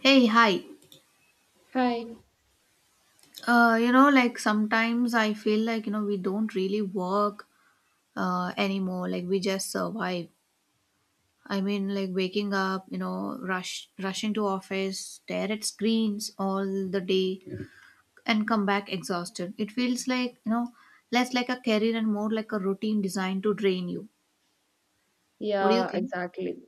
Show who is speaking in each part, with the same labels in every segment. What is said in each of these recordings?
Speaker 1: Hey, hi.
Speaker 2: Hi.
Speaker 1: Like sometimes I feel like, we don't really work anymore. Like we just survive. I mean, like waking up, rushing to office, stare at screens all the day and come back exhausted. It feels like, less like a career and more like a routine designed to drain you. What do you
Speaker 2: Yeah,
Speaker 1: think?
Speaker 2: exactly.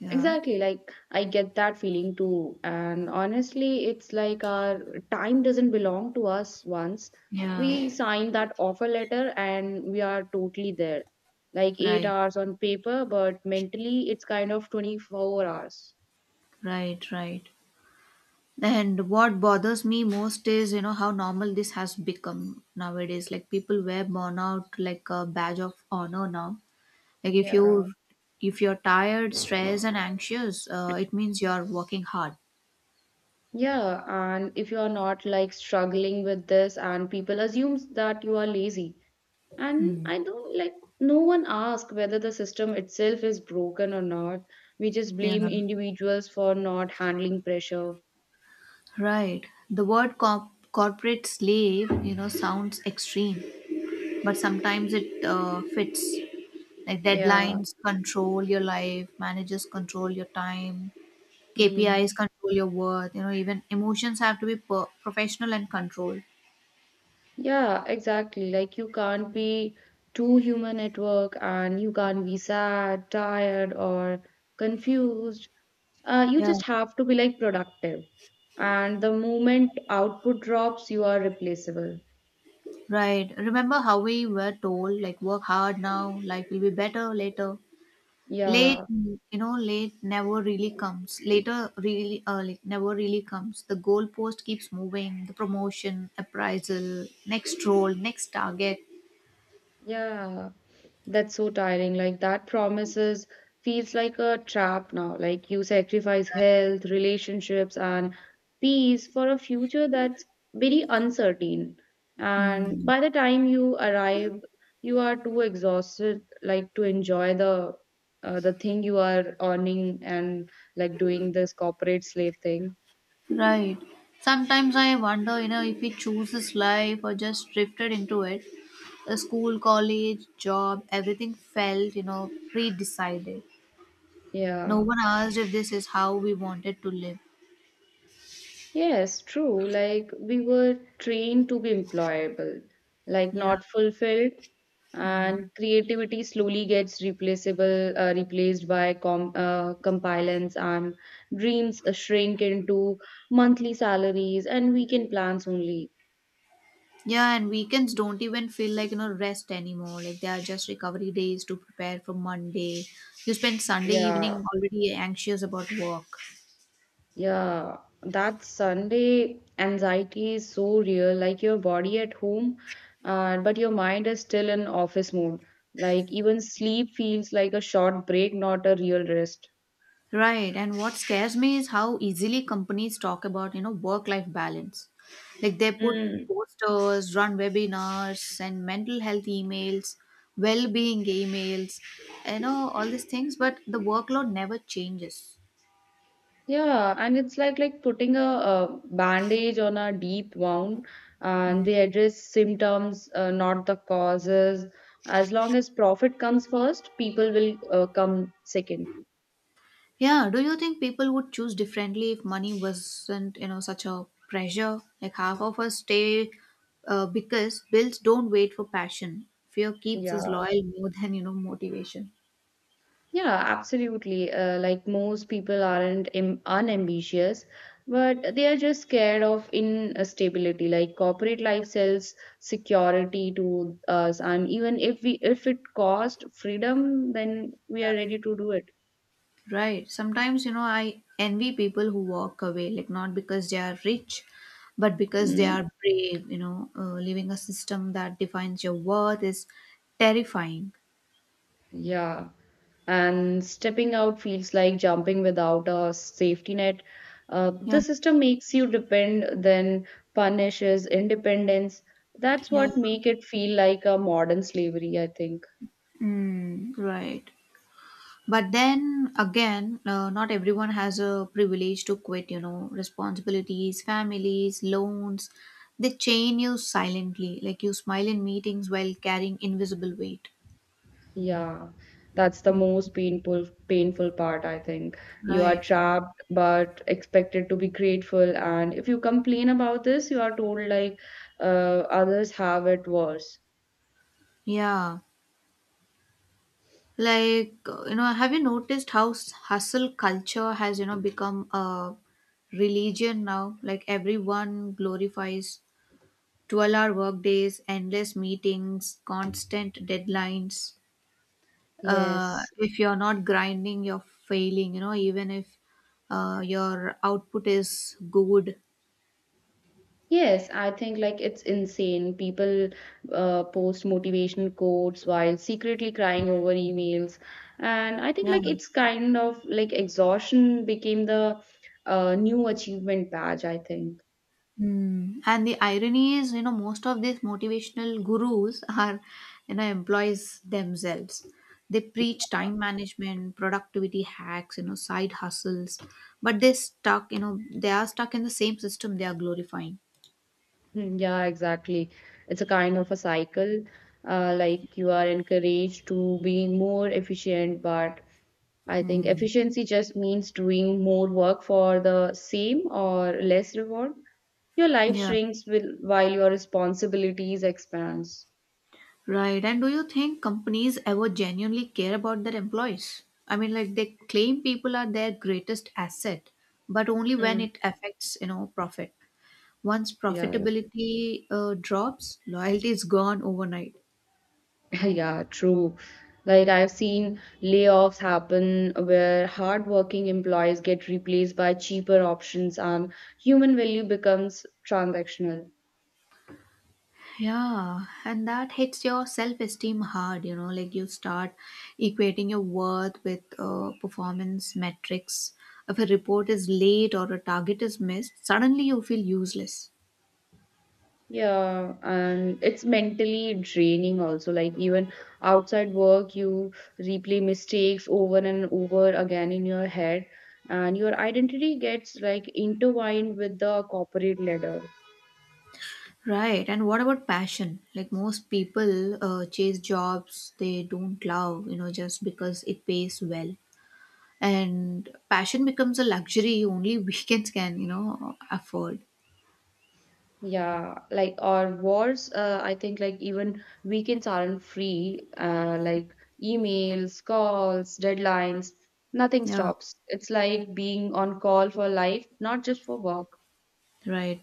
Speaker 1: Yeah.
Speaker 2: Exactly. Like, I get that feeling too. And honestly, it's like our time doesn't belong to us once
Speaker 1: Yeah.
Speaker 2: we sign that offer letter and we are totally there. Like, eight
Speaker 1: Right.
Speaker 2: hours on paper, but mentally, it's kind of 24 hours.
Speaker 1: Right. Right. And what bothers me most is, how normal this has become nowadays. Like people wear burnout like a badge of honor now. Like
Speaker 2: Yeah.
Speaker 1: if you're tired, stressed, and anxious, it means you're working hard.
Speaker 2: Yeah. And if you are not like struggling with this, and people assumes that you are lazy, and
Speaker 1: Mm.
Speaker 2: I don't like no one asks whether the system itself is broken or not. We just
Speaker 1: Yeah,
Speaker 2: blame individuals for not handling pressure.
Speaker 1: right. The word corporate slave, sounds extreme, but sometimes it fits. Like
Speaker 2: Yeah.
Speaker 1: deadlines control your life, managers control your time, KPIs
Speaker 2: Mm.
Speaker 1: control your worth. Even emotions have to be professional and controlled.
Speaker 2: Yeah, exactly. Like, you can't be too human at work, and you can't be sad, tired, or confused. You
Speaker 1: Yeah,
Speaker 2: just have to be like productive. And the moment output drops, you are replaceable.
Speaker 1: right. Remember how we were told, like, work hard now, life will be better later. Late,
Speaker 2: Yeah.
Speaker 1: you know, late never really comes. Later, really, like, never really comes. The goalpost keeps moving. The promotion, appraisal, next role, next target.
Speaker 2: Yeah. That's so tiring. Like that promises feels like a trap now. Like you sacrifice health, relationships, and peace for a future that's very uncertain. And
Speaker 1: Hmm.
Speaker 2: by the time you arrive, you are too exhausted, like to enjoy the thing you are earning, and like doing this corporate slave thing.
Speaker 1: Right. Sometimes I wonder, if he chooses life or just drifted into it. The school, college, job, everything felt, pre decided. No
Speaker 2: Yeah.
Speaker 1: one asked if this is how we wanted to live.
Speaker 2: Yes, true. Like we were trained to be employable, like
Speaker 1: Yeah.
Speaker 2: not fulfilled,
Speaker 1: Mm.
Speaker 2: and creativity slowly gets replaced by compliance, and dreams shrink into monthly salaries and weekend plans only.
Speaker 1: Yeah, and weekends don't even feel like, rest anymore. Like they are just recovery days to prepare for Monday. You spend Sunday
Speaker 2: Yeah.
Speaker 1: evening already anxious about work.
Speaker 2: Yeah, that Sunday anxiety is so real. Like your body at home, but your mind is still in office mode. Like even sleep feels like a short break, not a real rest.
Speaker 1: Right, and what scares me is how easily companies talk about, work-life balance. Like they put
Speaker 2: Mm.
Speaker 1: posters, run webinars, send mental health emails, well-being emails, all these things, but the workload never changes.
Speaker 2: Yeah, and it's like putting a bandage on a deep wound, and
Speaker 1: Mm.
Speaker 2: they address symptoms, not the causes. As long as profit comes first, people will come second.
Speaker 1: Yeah, do you think people would choose differently if money wasn't, such a pressure? Like half of us stay because bills don't wait for passion. Fear keeps us
Speaker 2: Yeah.
Speaker 1: loyal more than, motivation.
Speaker 2: Yeah, absolutely. Like most people aren't unambitious, but they are just scared of instability. Like corporate life sells security to us, and even if it cost freedom, then we are ready to do it.
Speaker 1: Right. Sometimes, I envy people who walk away, like not because they are rich, but because they
Speaker 2: Mm,
Speaker 1: are brave, leaving a system that defines your worth is terrifying.
Speaker 2: yeah, and stepping out feels like jumping without a safety net. Uh,
Speaker 1: Yeah.
Speaker 2: the system makes you depend, then punishes independence. That's
Speaker 1: Yeah.
Speaker 2: what make it feel like a modern slavery, I think.
Speaker 1: Mm, right. But then again, not everyone has a privilege to quit, responsibilities, families, loans. They chain you silently, like you smile in meetings while carrying invisible weight.
Speaker 2: Yeah, that's the most painful part, I think. You are
Speaker 1: Right.
Speaker 2: trapped but expected to be grateful, and if you complain about this, you are told like others have it worse.
Speaker 1: Yeah. Like have you noticed how hustle culture has become a religion now? Like everyone glorifies 12-hour work days, endless meetings, constant deadlines. uh,
Speaker 2: Yes.
Speaker 1: if you're not grinding, you're failing, even if your output is good.
Speaker 2: Yes, I think like it's insane. People post motivational quotes while secretly crying over emails. And I think
Speaker 1: Yeah.
Speaker 2: like it's kind of like exhaustion became the new achievement badge, I think.
Speaker 1: Hmm. And the irony is, most of these motivational gurus are, employees themselves. They preach time management, productivity hacks, side hustles, but they're stuck, they are stuck in the same system they are glorifying.
Speaker 2: Hmm, yeah, exactly. It's a kind of a cycle. Like you are encouraged to be more efficient, but I think
Speaker 1: Hmm.
Speaker 2: efficiency just means doing more work for the same or less reward. Your life
Speaker 1: Yeah.
Speaker 2: shrinks, while your responsibilities expands.
Speaker 1: Right. And do you think companies ever genuinely care about their employees? I mean, like they claim people are their greatest asset, but only when
Speaker 2: Mm,
Speaker 1: it affects, profit. Once
Speaker 2: yeah,
Speaker 1: profitability drops, loyalty is gone overnight.
Speaker 2: yeah, true. Like I've seen layoffs happen where hardworking employees get replaced by cheaper options, and human value becomes transactional.
Speaker 1: Yeah, and that hits your self esteem hard, like you start equating your worth with performance metrics. If a report is late or a target is missed, suddenly you feel useless.
Speaker 2: Yeah, and it's mentally draining also. Like even outside work, you replay mistakes over and over again in your head, and your identity gets like intertwined with the corporate ladder.
Speaker 1: Right, and what about passion? Like most people chase jobs they don't love, just because it pays well. And passion becomes a luxury only weekends can, afford.
Speaker 2: Yeah, like or worse, I think like even weekends aren't free. Like emails, calls, deadlines, nothing
Speaker 1: Yeah,
Speaker 2: stops. It's like being on call for life, not just for work.
Speaker 1: right.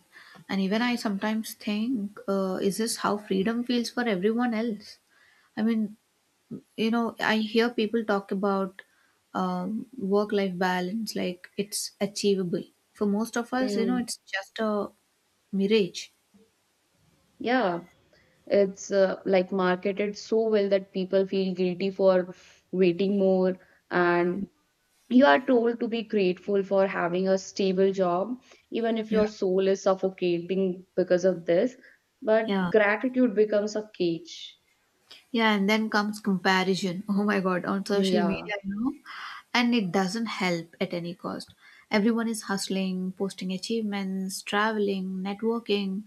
Speaker 1: And even I sometimes think, is this how freedom feels for everyone else? I mean, I hear people talk about work life balance like it's achievable. For most of us,
Speaker 2: Mm.
Speaker 1: it's just a mirage.
Speaker 2: Yeah. It's like marketed so well that people feel guilty for waiting more, and you are told to be grateful for having a stable job, even if
Speaker 1: Yeah.
Speaker 2: your soul is suffocating because of this. But
Speaker 1: Yeah,
Speaker 2: gratitude becomes a cage.
Speaker 1: yeah, and then comes comparison. Oh my god, on social
Speaker 2: Yeah,
Speaker 1: media, and it doesn't help at any cost. Everyone is hustling, posting achievements, traveling, networking.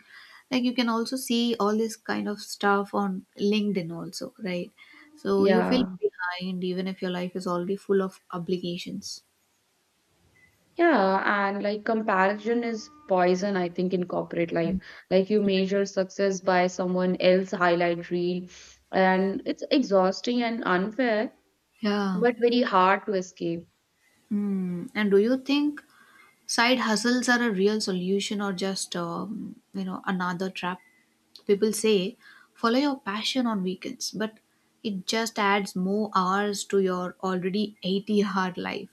Speaker 1: Like you can also see all this kind of stuff on LinkedIn also, right? So you feel
Speaker 2: yeah.
Speaker 1: behind even if your life is already full of obligations.
Speaker 2: Yeah, and like comparison is poison, I think, in corporate life. Like you measure success by someone else highlight reel, and it's exhausting and unfair,
Speaker 1: Yeah.
Speaker 2: but very hard to escape.
Speaker 1: Hmm. And do you think side hustles are a real solution or just another trap? People say follow your passion on weekends, but it just adds more hours to your already 80-hour life.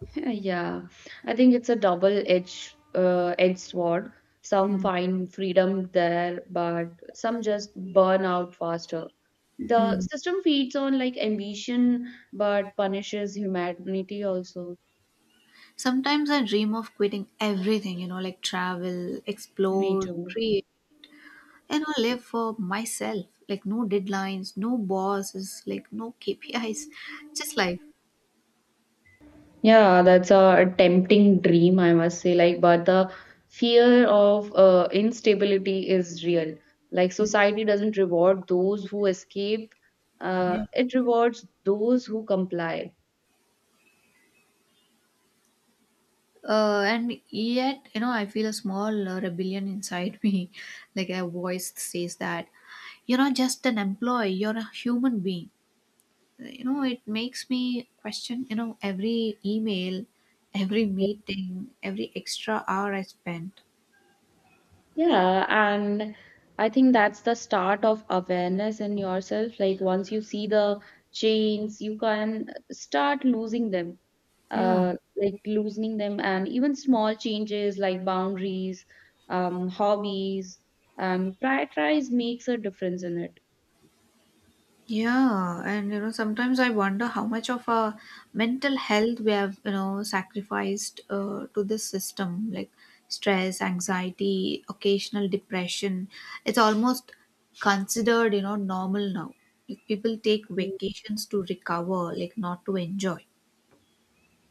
Speaker 2: Yeah, I think it's a double-edged edged sword. Some find freedom there, but some just burn out faster. The
Speaker 1: Mm.
Speaker 2: system feeds on like ambition, but punishes humanity also.
Speaker 1: Sometimes I dream of quitting everything, like travel,
Speaker 2: Me
Speaker 1: explore,
Speaker 2: too.
Speaker 1: create, and live for myself. Like no deadlines, no bosses, like no KPIs, just life.
Speaker 2: Yeah, that's a tempting dream, I must say. Like, but the fear of instability is real. Like, society doesn't reward those who escape, it rewards those who comply.
Speaker 1: And yet, I feel a small rebellion inside me. Like a voice says that you're not just an employee, you're a human being. It makes me question, every email, every meeting, every extra hour I spent.
Speaker 2: Yeah, and I think that's the start of awareness in yourself. Like once you see the chains, you can start losing them,
Speaker 1: Yeah.
Speaker 2: like loosening them, and even small changes like boundaries, hobbies, prioritize makes a difference in it.
Speaker 1: Yeah, and sometimes I wonder how much of our mental health we have, sacrificed to this system, like stress, anxiety, occasional depression. It's almost considered, normal now. Like people take
Speaker 2: Mm.
Speaker 1: vacations to recover, like not to enjoy.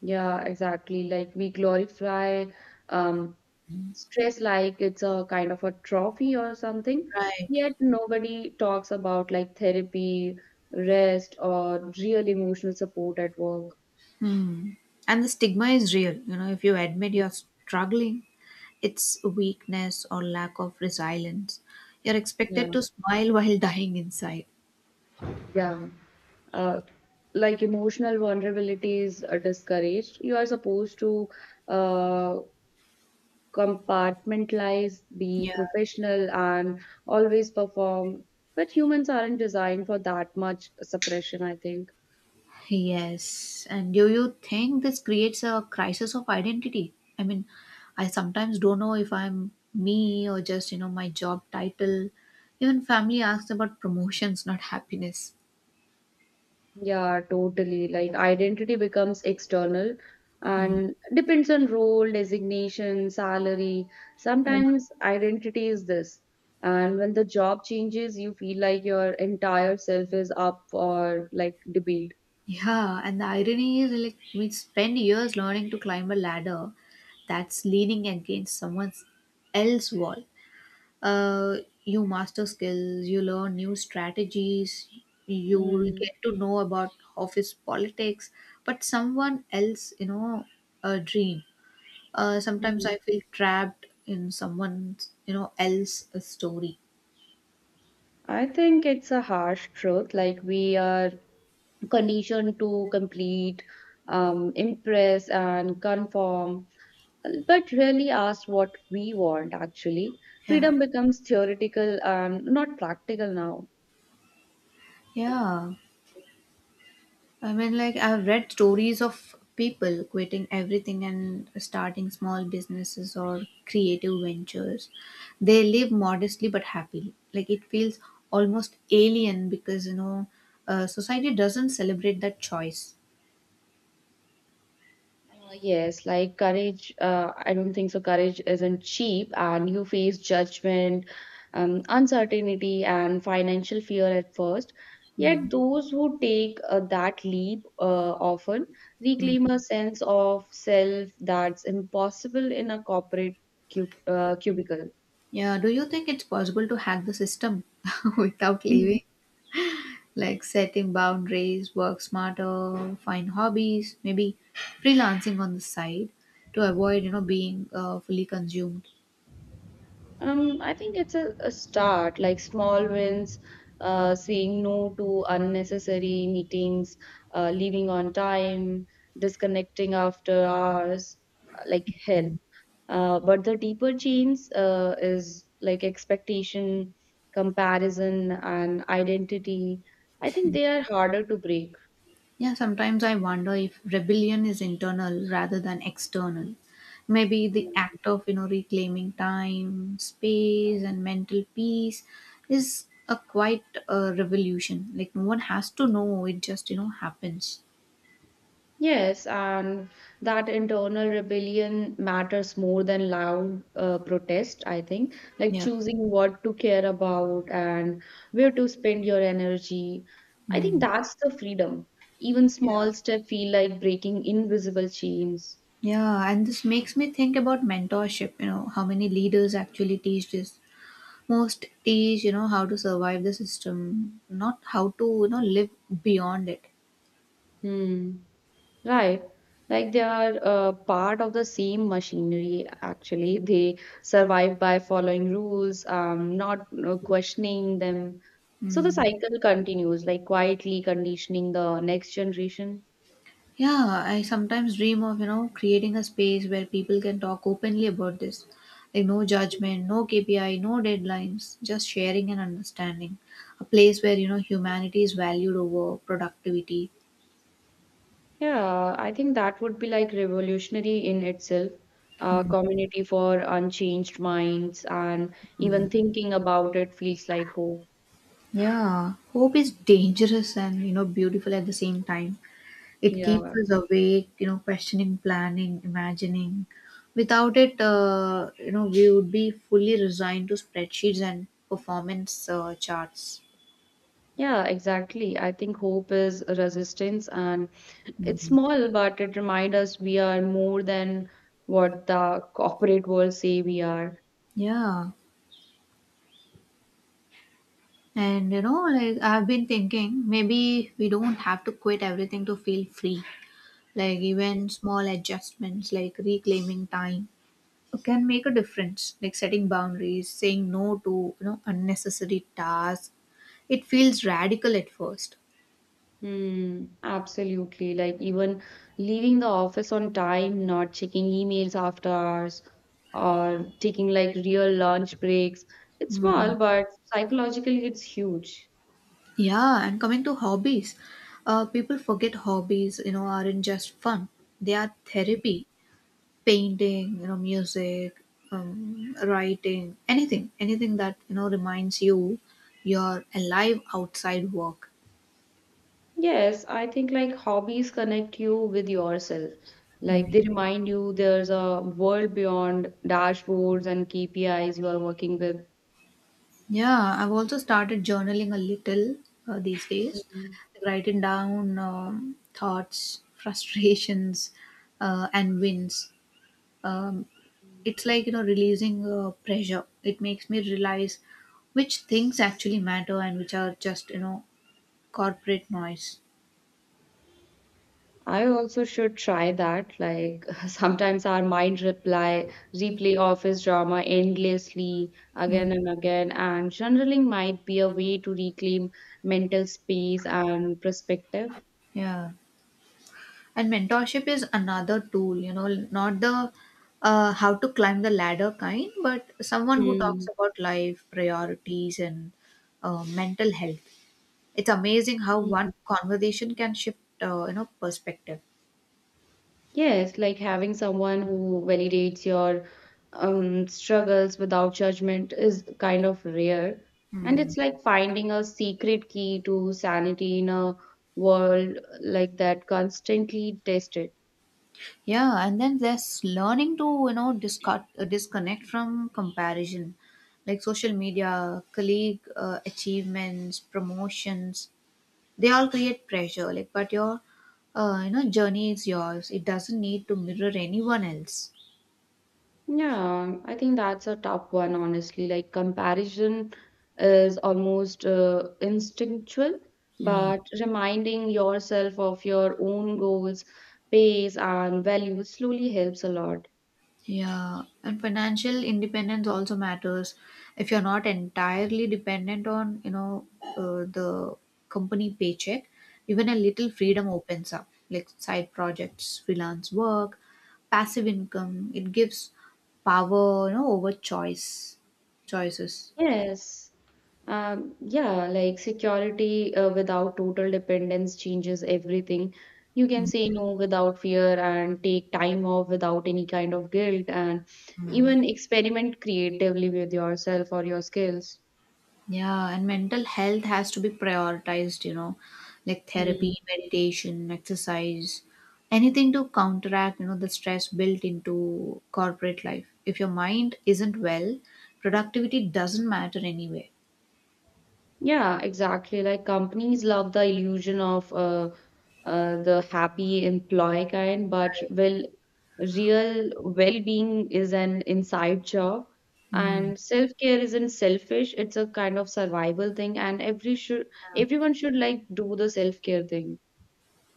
Speaker 2: Yeah, exactly. Like we glorify um, stress like it's a kind of a trophy or something.
Speaker 1: Right.
Speaker 2: Yet nobody talks about like therapy, rest, or real emotional support at work.
Speaker 1: Hmm. And the stigma is real. If you admit you're struggling, it's weakness or lack of resilience. You're
Speaker 2: Yeah,
Speaker 1: expected to smile while dying inside.
Speaker 2: yeah. Uh, like emotional vulnerability is discouraged. You are supposed to uh, compartmentalize, be
Speaker 1: Yeah.
Speaker 2: professional, and always perform. But humans aren't designed for that much suppression, I think.
Speaker 1: Yes. And do you think this creates a crisis of identity? I mean, I sometimes don't know if I'm me or just, my job title. Even family asks about promotions, not happiness.
Speaker 2: Yeah, totally. Like identity becomes external
Speaker 1: Hmm.
Speaker 2: and depends on role, designation, salary.
Speaker 1: Yeah.
Speaker 2: Sometimes identity is this. And when the job changes, you feel like your entire self is up for like debate.
Speaker 1: Yeah. And the irony is, like, we spend years learning to climb a ladder that's leaning against someone else's wall. uh, you master skills, you learn new strategies, you
Speaker 2: Mm.
Speaker 1: get to know about office politics, but someone else, a dream. Sometimes
Speaker 2: Mhm.
Speaker 1: I feel trapped in someone, else story.
Speaker 2: I think it's a harsh truth. Like we are conditioned to complete, impress, and conform, but really asked what we want actually.
Speaker 1: Yeah,
Speaker 2: Freedom becomes theoretical and not practical now.
Speaker 1: yeah. I mean, like, I've read stories of people quitting everything and starting small businesses or creative ventures. They live modestly but happily. Like, it feels almost alien because, society doesn't celebrate that choice.
Speaker 2: Yes, like courage, I don't think so. Courage isn't cheap, and you face judgment, uncertainty, and financial fear at first. Yet,
Speaker 1: Mm,
Speaker 2: those who take that leap often
Speaker 1: mm.
Speaker 2: reclaim a sense of self that's impossible in a corporate cubicle.
Speaker 1: Yeah, do you think it's possible to hack the system without leaving? Like, setting boundaries, work smarter, find hobbies, maybe freelancing on the side to avoid, being fully consumed.
Speaker 2: I think it's a start, like small wins, saying no to unnecessary meetings, leaving on time, disconnecting after hours, like hell. But the deeper change is like expectation, comparison, and identity. I think they are harder to break.
Speaker 1: Yeah, sometimes I wonder if rebellion is internal rather than external. Maybe the act of, reclaiming time, space, and mental peace is a quite revolution. Like no one has to know; it just, happens.
Speaker 2: Yes, and that internal rebellion matters more than loud protest, I think. Like
Speaker 1: Yeah.
Speaker 2: choosing what to care about and where to spend your energy. I think
Speaker 1: Mm.
Speaker 2: that's the freedom. Even
Speaker 1: Yeah.
Speaker 2: small steps feel like breaking invisible chains.
Speaker 1: Yeah, and this makes me think about mentorship. How many leaders actually teach this? Most teach, how to survive the system, not how to, live beyond it.
Speaker 2: Hmm. Right. Like they are part of the same machinery, actually. They survive by following rules, not questioning them. So the
Speaker 1: Mm.
Speaker 2: cycle continues, like quietly conditioning the next generation.
Speaker 1: Yeah, I sometimes dream of, creating a space where people can talk openly about this. Like no judgment, no KPI, no deadlines, just sharing and understanding. A place where, humanity is valued over productivity.
Speaker 2: Yeah, I think that would be like revolutionary in itself, a
Speaker 1: Mm.
Speaker 2: community for unchanged minds, and even thinking about it feels like hope.
Speaker 1: Yeah, hope is dangerous and, beautiful at the same time. It keeps
Speaker 2: Yeah.
Speaker 1: us awake, questioning, planning, imagining. Without it, we would be fully resigned to spreadsheets and performance charts.
Speaker 2: Yeah, exactly. I think hope is resistance, and it's small, but it reminds us we are more than what the corporate world say we are.
Speaker 1: Yeah. And like I've been thinking, maybe we don't have to quit everything to feel free. Like even small adjustments, like reclaiming time, can make a difference. Like setting boundaries, saying no to unnecessary tasks. It feels radical at first.
Speaker 2: Hmm, absolutely. Like even leaving the office on time, not checking emails after hours, or taking like real lunch breaks. It's small, but psychologically it's huge.
Speaker 1: Yeah, and coming to hobbies, people forget hobbies. Aren't just fun; they are therapy, painting, music, writing, anything that reminds you you're alive outside work.
Speaker 2: Yes, I think like hobbies connect you with yourself. Like
Speaker 1: Mm.
Speaker 2: they remind you there's a world beyond dashboards and KPIs you are working with.
Speaker 1: Yeah, I've also started journaling a little these days,
Speaker 2: Mm.
Speaker 1: writing down thoughts frustrations, and wins. Um, it's like releasing pressure. It makes me realize which things actually matter and which are just corporate noise.
Speaker 2: I also should try that. Like sometimes our mind reply replay office drama endlessly
Speaker 1: Mm.
Speaker 2: again and again, and journaling might be a way to reclaim mental space and perspective.
Speaker 1: Yeah. And mentorship is another tool, not the how to climb the ladder kind, but someone who talks about life, priorities, and mental health. It's amazing how one
Speaker 2: Mm.
Speaker 1: conversation can shift, perspective.
Speaker 2: Yes, like having someone who validates your struggles without judgment is kind of rare. And
Speaker 1: Mm.
Speaker 2: it's like finding a secret key to sanity in a world like that constantly tested.
Speaker 1: Yeah, and then there's learning to disconnect from comparison, like social media, colleague achievements, promotions. They all create pressure, like, but your journey is yours. It doesn't need to mirror anyone else.
Speaker 2: Yeah, I think that's a tough one, honestly. Like comparison is almost instinctual,
Speaker 1: Mm.
Speaker 2: but reminding yourself of your own goals, pace, and values slowly helps a lot.
Speaker 1: Yeah, and financial independence also matters. If you're not entirely dependent on the company paycheck, even a little freedom opens up, like side projects, freelance work, passive income. It gives power over choices.
Speaker 2: Yes. Yeah, like security without total dependence changes everything. You can say no without fear and take time off without any kind of guilt, and even experiment creatively with yourself or your skills.
Speaker 1: Yeah, and mental health has to be prioritized, like
Speaker 2: Hmm.
Speaker 1: therapy, meditation, exercise, anything to counteract, the stress built into corporate life. If your mind isn't well, productivity doesn't matter anyway.
Speaker 2: Yeah, exactly. Like companies love the illusion of the happy employee kind, but
Speaker 1: Right.
Speaker 2: well, real well-being is an inside job,
Speaker 1: Hmm.
Speaker 2: and self-care isn't selfish. It's a kind of survival thing, and everyone should like do the self-care thing.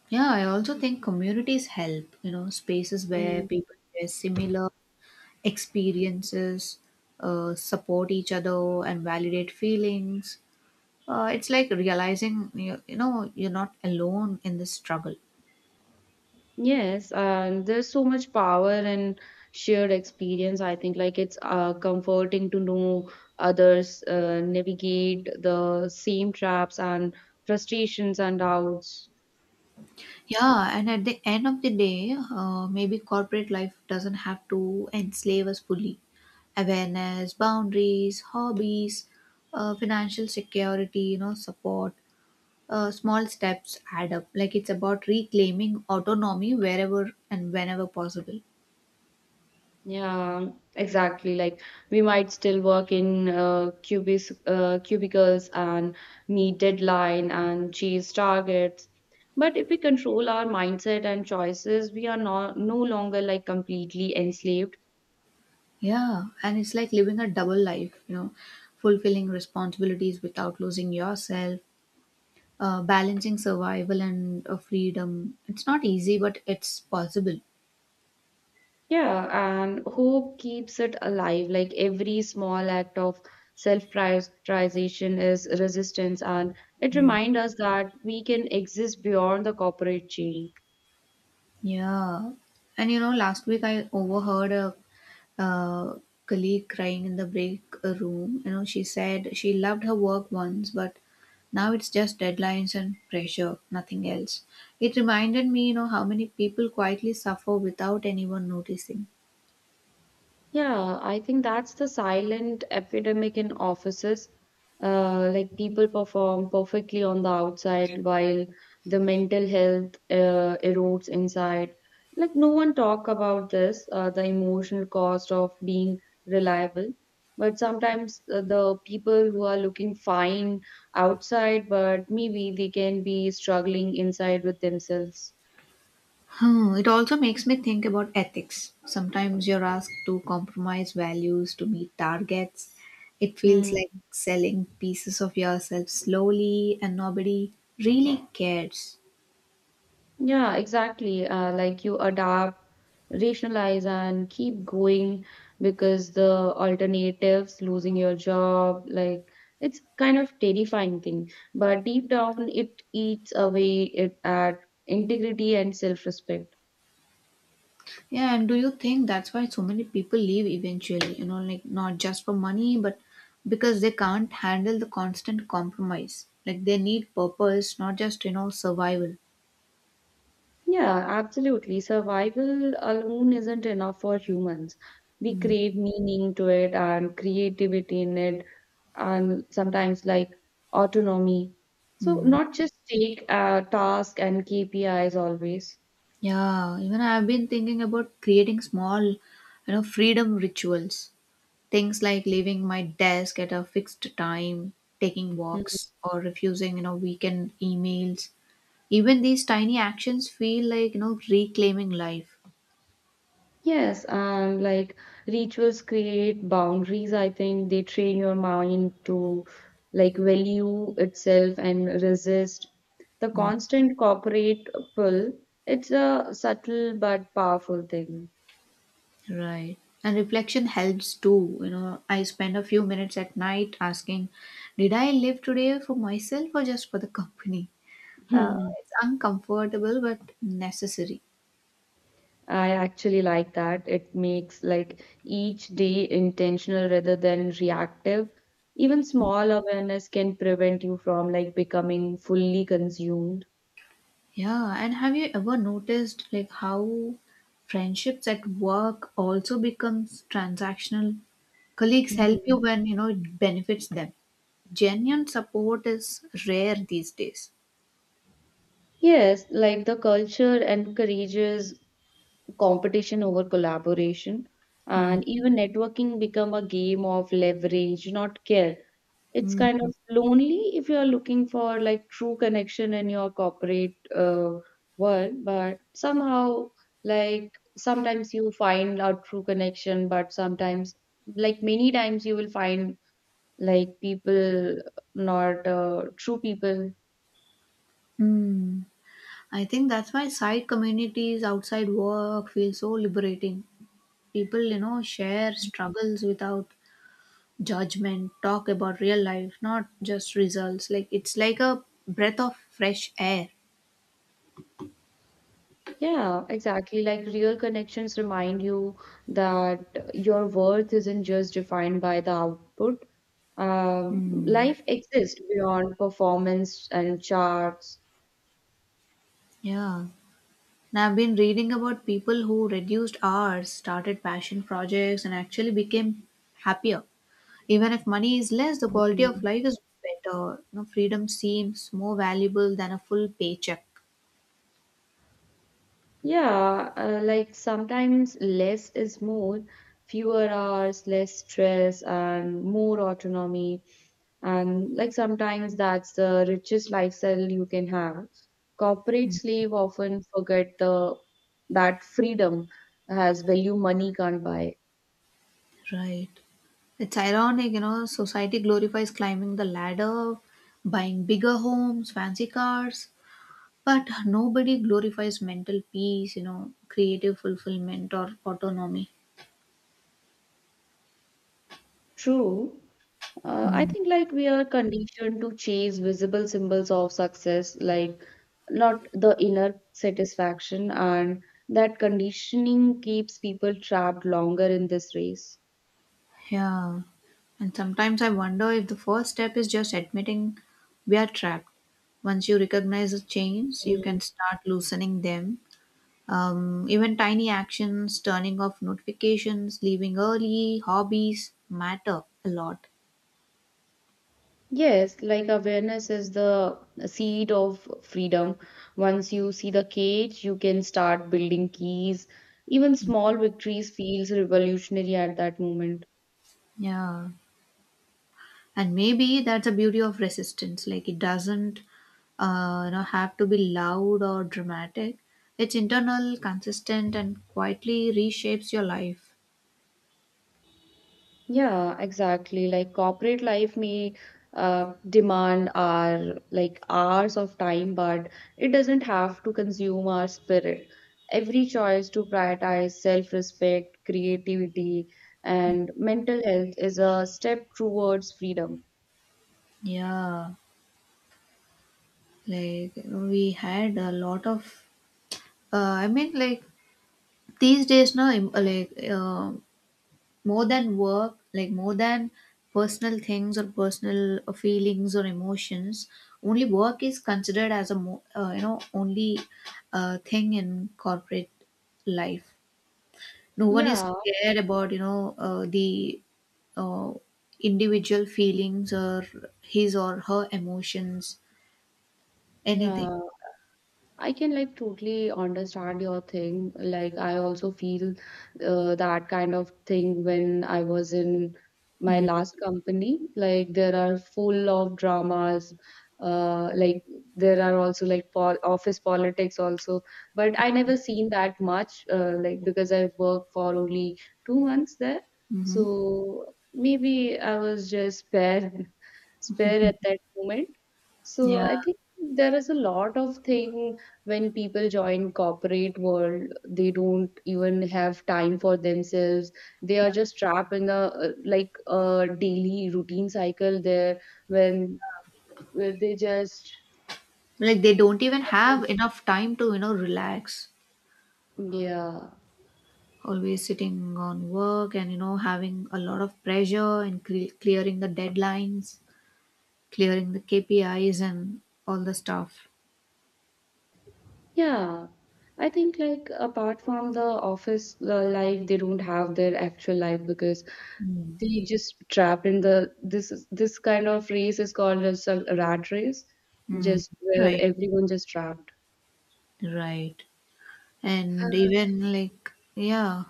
Speaker 1: Yeah, I also think communities help, spaces where people share similar experiences, support each other, and validate feelings. It's like realizing you know you're not alone in this struggle.
Speaker 2: Yes, and there's so much power in shared experience. I think like it's comforting to know others navigate the same traps and frustrations and doubts.
Speaker 1: Yeah, and at the end of the day, maybe corporate life doesn't have to enslave us fully. Awareness, boundaries, hobbies, financial security, you know, support. Small steps add up. Like it's about reclaiming autonomy wherever and whenever possible.
Speaker 2: Yeah, exactly. Like we might still work in cubicles and meet deadline and chase targets. But if we control our mindset and choices, we are not no longer like completely enslaved.
Speaker 1: Yeah, and it's like living a double life, you know, fulfilling responsibilities without losing yourself, balancing survival and freedom. It's not easy, but it's possible.
Speaker 2: Yeah, and hope keeps it alive. Like every small act of self-prioritization is resistance, and it reminds us that we can exist beyond the corporate chain.
Speaker 1: Yeah. And you know, last week I overheard a, uh colleague crying in the break room. You know, she said she loved her work once, but now it's just deadlines and pressure, nothing else. It reminded me, you know, how many people quietly suffer without anyone noticing.
Speaker 2: Yeah, I think that's the silent epidemic in offices. Like people perform perfectly on the outside while the mental health erodes inside. Like no one talk about this, the emotional cost of being reliable. But sometimes the people who are looking fine outside, but maybe they can be struggling inside with themselves.
Speaker 1: Hmm, it also makes me think about ethics. Sometimes you're asked to compromise values to meet targets. It feels like
Speaker 2: Hmm.
Speaker 1: selling pieces of yourself slowly and nobody really cares.
Speaker 2: Yeah, exactly. Like you adapt, rationalize, and keep going because the alternatives, losing your job, like it's kind of terrifying thing. But deep down, it eats away it at integrity and self-respect.
Speaker 1: Yeah, and do you think that's why so many people leave eventually? You know, like not just for money, but because they can't handle the constant compromise. Like they need purpose, not just, you know, survival.
Speaker 2: Yeah, absolutely. Survival alone isn't enough for humans. We
Speaker 1: Hmm.
Speaker 2: crave meaning to it and creativity in it, and sometimes like autonomy. So,
Speaker 1: Hmm.
Speaker 2: not just take a task and KPIs always.
Speaker 1: Yeah, even I've been thinking about creating small, you know, freedom rituals. Things like leaving my desk at a fixed time, taking
Speaker 2: Hmm.
Speaker 1: walks, or refusing, you know, weekend emails. Even these tiny actions feel like, you know, reclaiming life.
Speaker 2: Yes, and like rituals create boundaries. I think they train your mind to like value itself and resist the
Speaker 1: Mm.
Speaker 2: constant corporate pull. It's a subtle but powerful thing.
Speaker 1: Right. And reflection helps too. You know, I spend a few minutes at night asking, did I live today for myself or just for the company?
Speaker 2: Hmm.
Speaker 1: It's uncomfortable but necessary.
Speaker 2: I actually like that. It makes like each day intentional rather than reactive. Even small awareness can prevent you from like becoming fully consumed.
Speaker 1: Yeah, and have you ever noticed like how friendships at work also becomes transactional? Colleagues help you when you know it benefits them. Genuine support is rare these days.
Speaker 2: Yes, like the culture encourages competition over collaboration,
Speaker 1: Mm.
Speaker 2: and even networking become a game of leverage, not care. It's kind
Speaker 1: Mm.
Speaker 2: of lonely if you are looking for like true connection in your corporate world, but somehow like sometimes you find a true connection, but sometimes like many times you will find like people, not true people.
Speaker 1: Mm. I think that's why side communities outside work feel so liberating. People, you know, share struggles without judgment, talk about real life, not just results. Like it's like a breath of fresh air.
Speaker 2: Yeah, exactly. Like real connections remind you that your worth isn't just defined by the output. Um,
Speaker 1: Hmm.
Speaker 2: life exists beyond performance and charts.
Speaker 1: Yeah. And I've been reading about people who reduced hours, started passion projects, and actually became happier. Even if money is less, the quality of
Speaker 2: Mm,
Speaker 1: life is better. You know, freedom seems more valuable than a full paycheck.
Speaker 2: yeah, like sometimes less is more, fewer hours, less stress, and more autonomy. And like sometimes that's the richest lifestyle you can have. Corporate
Speaker 1: Mm.
Speaker 2: slave often forget the that freedom has value money can't buy.
Speaker 1: Right. It's ironic, you know, society glorifies climbing the ladder, buying bigger homes, fancy cars, but nobody glorifies mental peace, you know, creative fulfillment or autonomy.
Speaker 2: True. I think like we are conditioned to chase visible symbols of success, like not the inner satisfaction, and that conditioning keeps people trapped longer in this race.
Speaker 1: Yeah. And sometimes I wonder if the first step is just admitting we are trapped. Once you recognize the chains, you can start loosening them. Even tiny actions, turning off notifications, leaving early, hobbies matter a lot.
Speaker 2: Yes, like awareness is the seed of freedom. Once you see the cage, you can start building keys. Even small victories feels revolutionary at that moment.
Speaker 1: Yeah. And maybe that's the beauty of resistance. Like it doesn't you know, have to be loud or dramatic. It's internal, consistent, and quietly reshapes your life.
Speaker 2: Yeah, exactly. Like corporate life may demand our like hours of time, but it doesn't have to consume our spirit. Every choice to prioritize self-respect, creativity, and mental health is a step towards freedom.
Speaker 1: Yeah. Like you know, we had a lot of uh, i mean like these days now im- like more than work, like more than personal things or personal feelings or emotions, only work is considered as a you know, only thing in corporate life. No one is
Speaker 2: Yeah,
Speaker 1: scared about, you know, the uh, individual feelings or his or her emotions,
Speaker 2: 你
Speaker 1: anything.
Speaker 2: 好，I can like totally understand your thing. Like I also feel that kind of thing when I was in my last company. Like there are full of dramas. Like there are also like pol office politics also, but I never seen that much. Like because I worked for only 2 months there,
Speaker 1: Mm-hmm.
Speaker 2: so maybe I was just spared spare at that moment. So
Speaker 1: Yeah,
Speaker 2: I think there is a lot of thing when people join corporate world, they don't even have time for themselves. They are just trapped in the daily routine cycle there, when where they just,
Speaker 1: like they don't even have enough time to, you know, relax.
Speaker 2: yeah,
Speaker 1: Always sitting on work and, you know, having a lot of pressure and clearing the deadlines, clearing the KPIs and all the stuff.
Speaker 2: yeah. I think like apart from the office life they don't have their actual life, because
Speaker 1: Mm.
Speaker 2: they just trapped in this kind of race, is called as a rat race,
Speaker 1: Mm.
Speaker 2: just where
Speaker 1: Right.
Speaker 2: everyone just trapped.
Speaker 1: Right. And even like, yeah.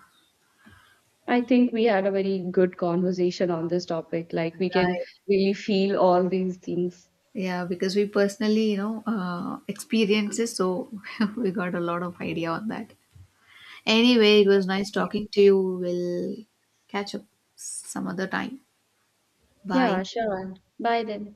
Speaker 2: I think we had a very good conversation on this topic. Like, we can
Speaker 1: Right.
Speaker 2: really feel all these things.
Speaker 1: Yeah, because we personally, you know, experiences, so we got a lot of idea on that. Anyway, it was nice talking to you. We'll catch up some other time.
Speaker 2: Yeah,
Speaker 1: Bye.
Speaker 2: sure. Bye then.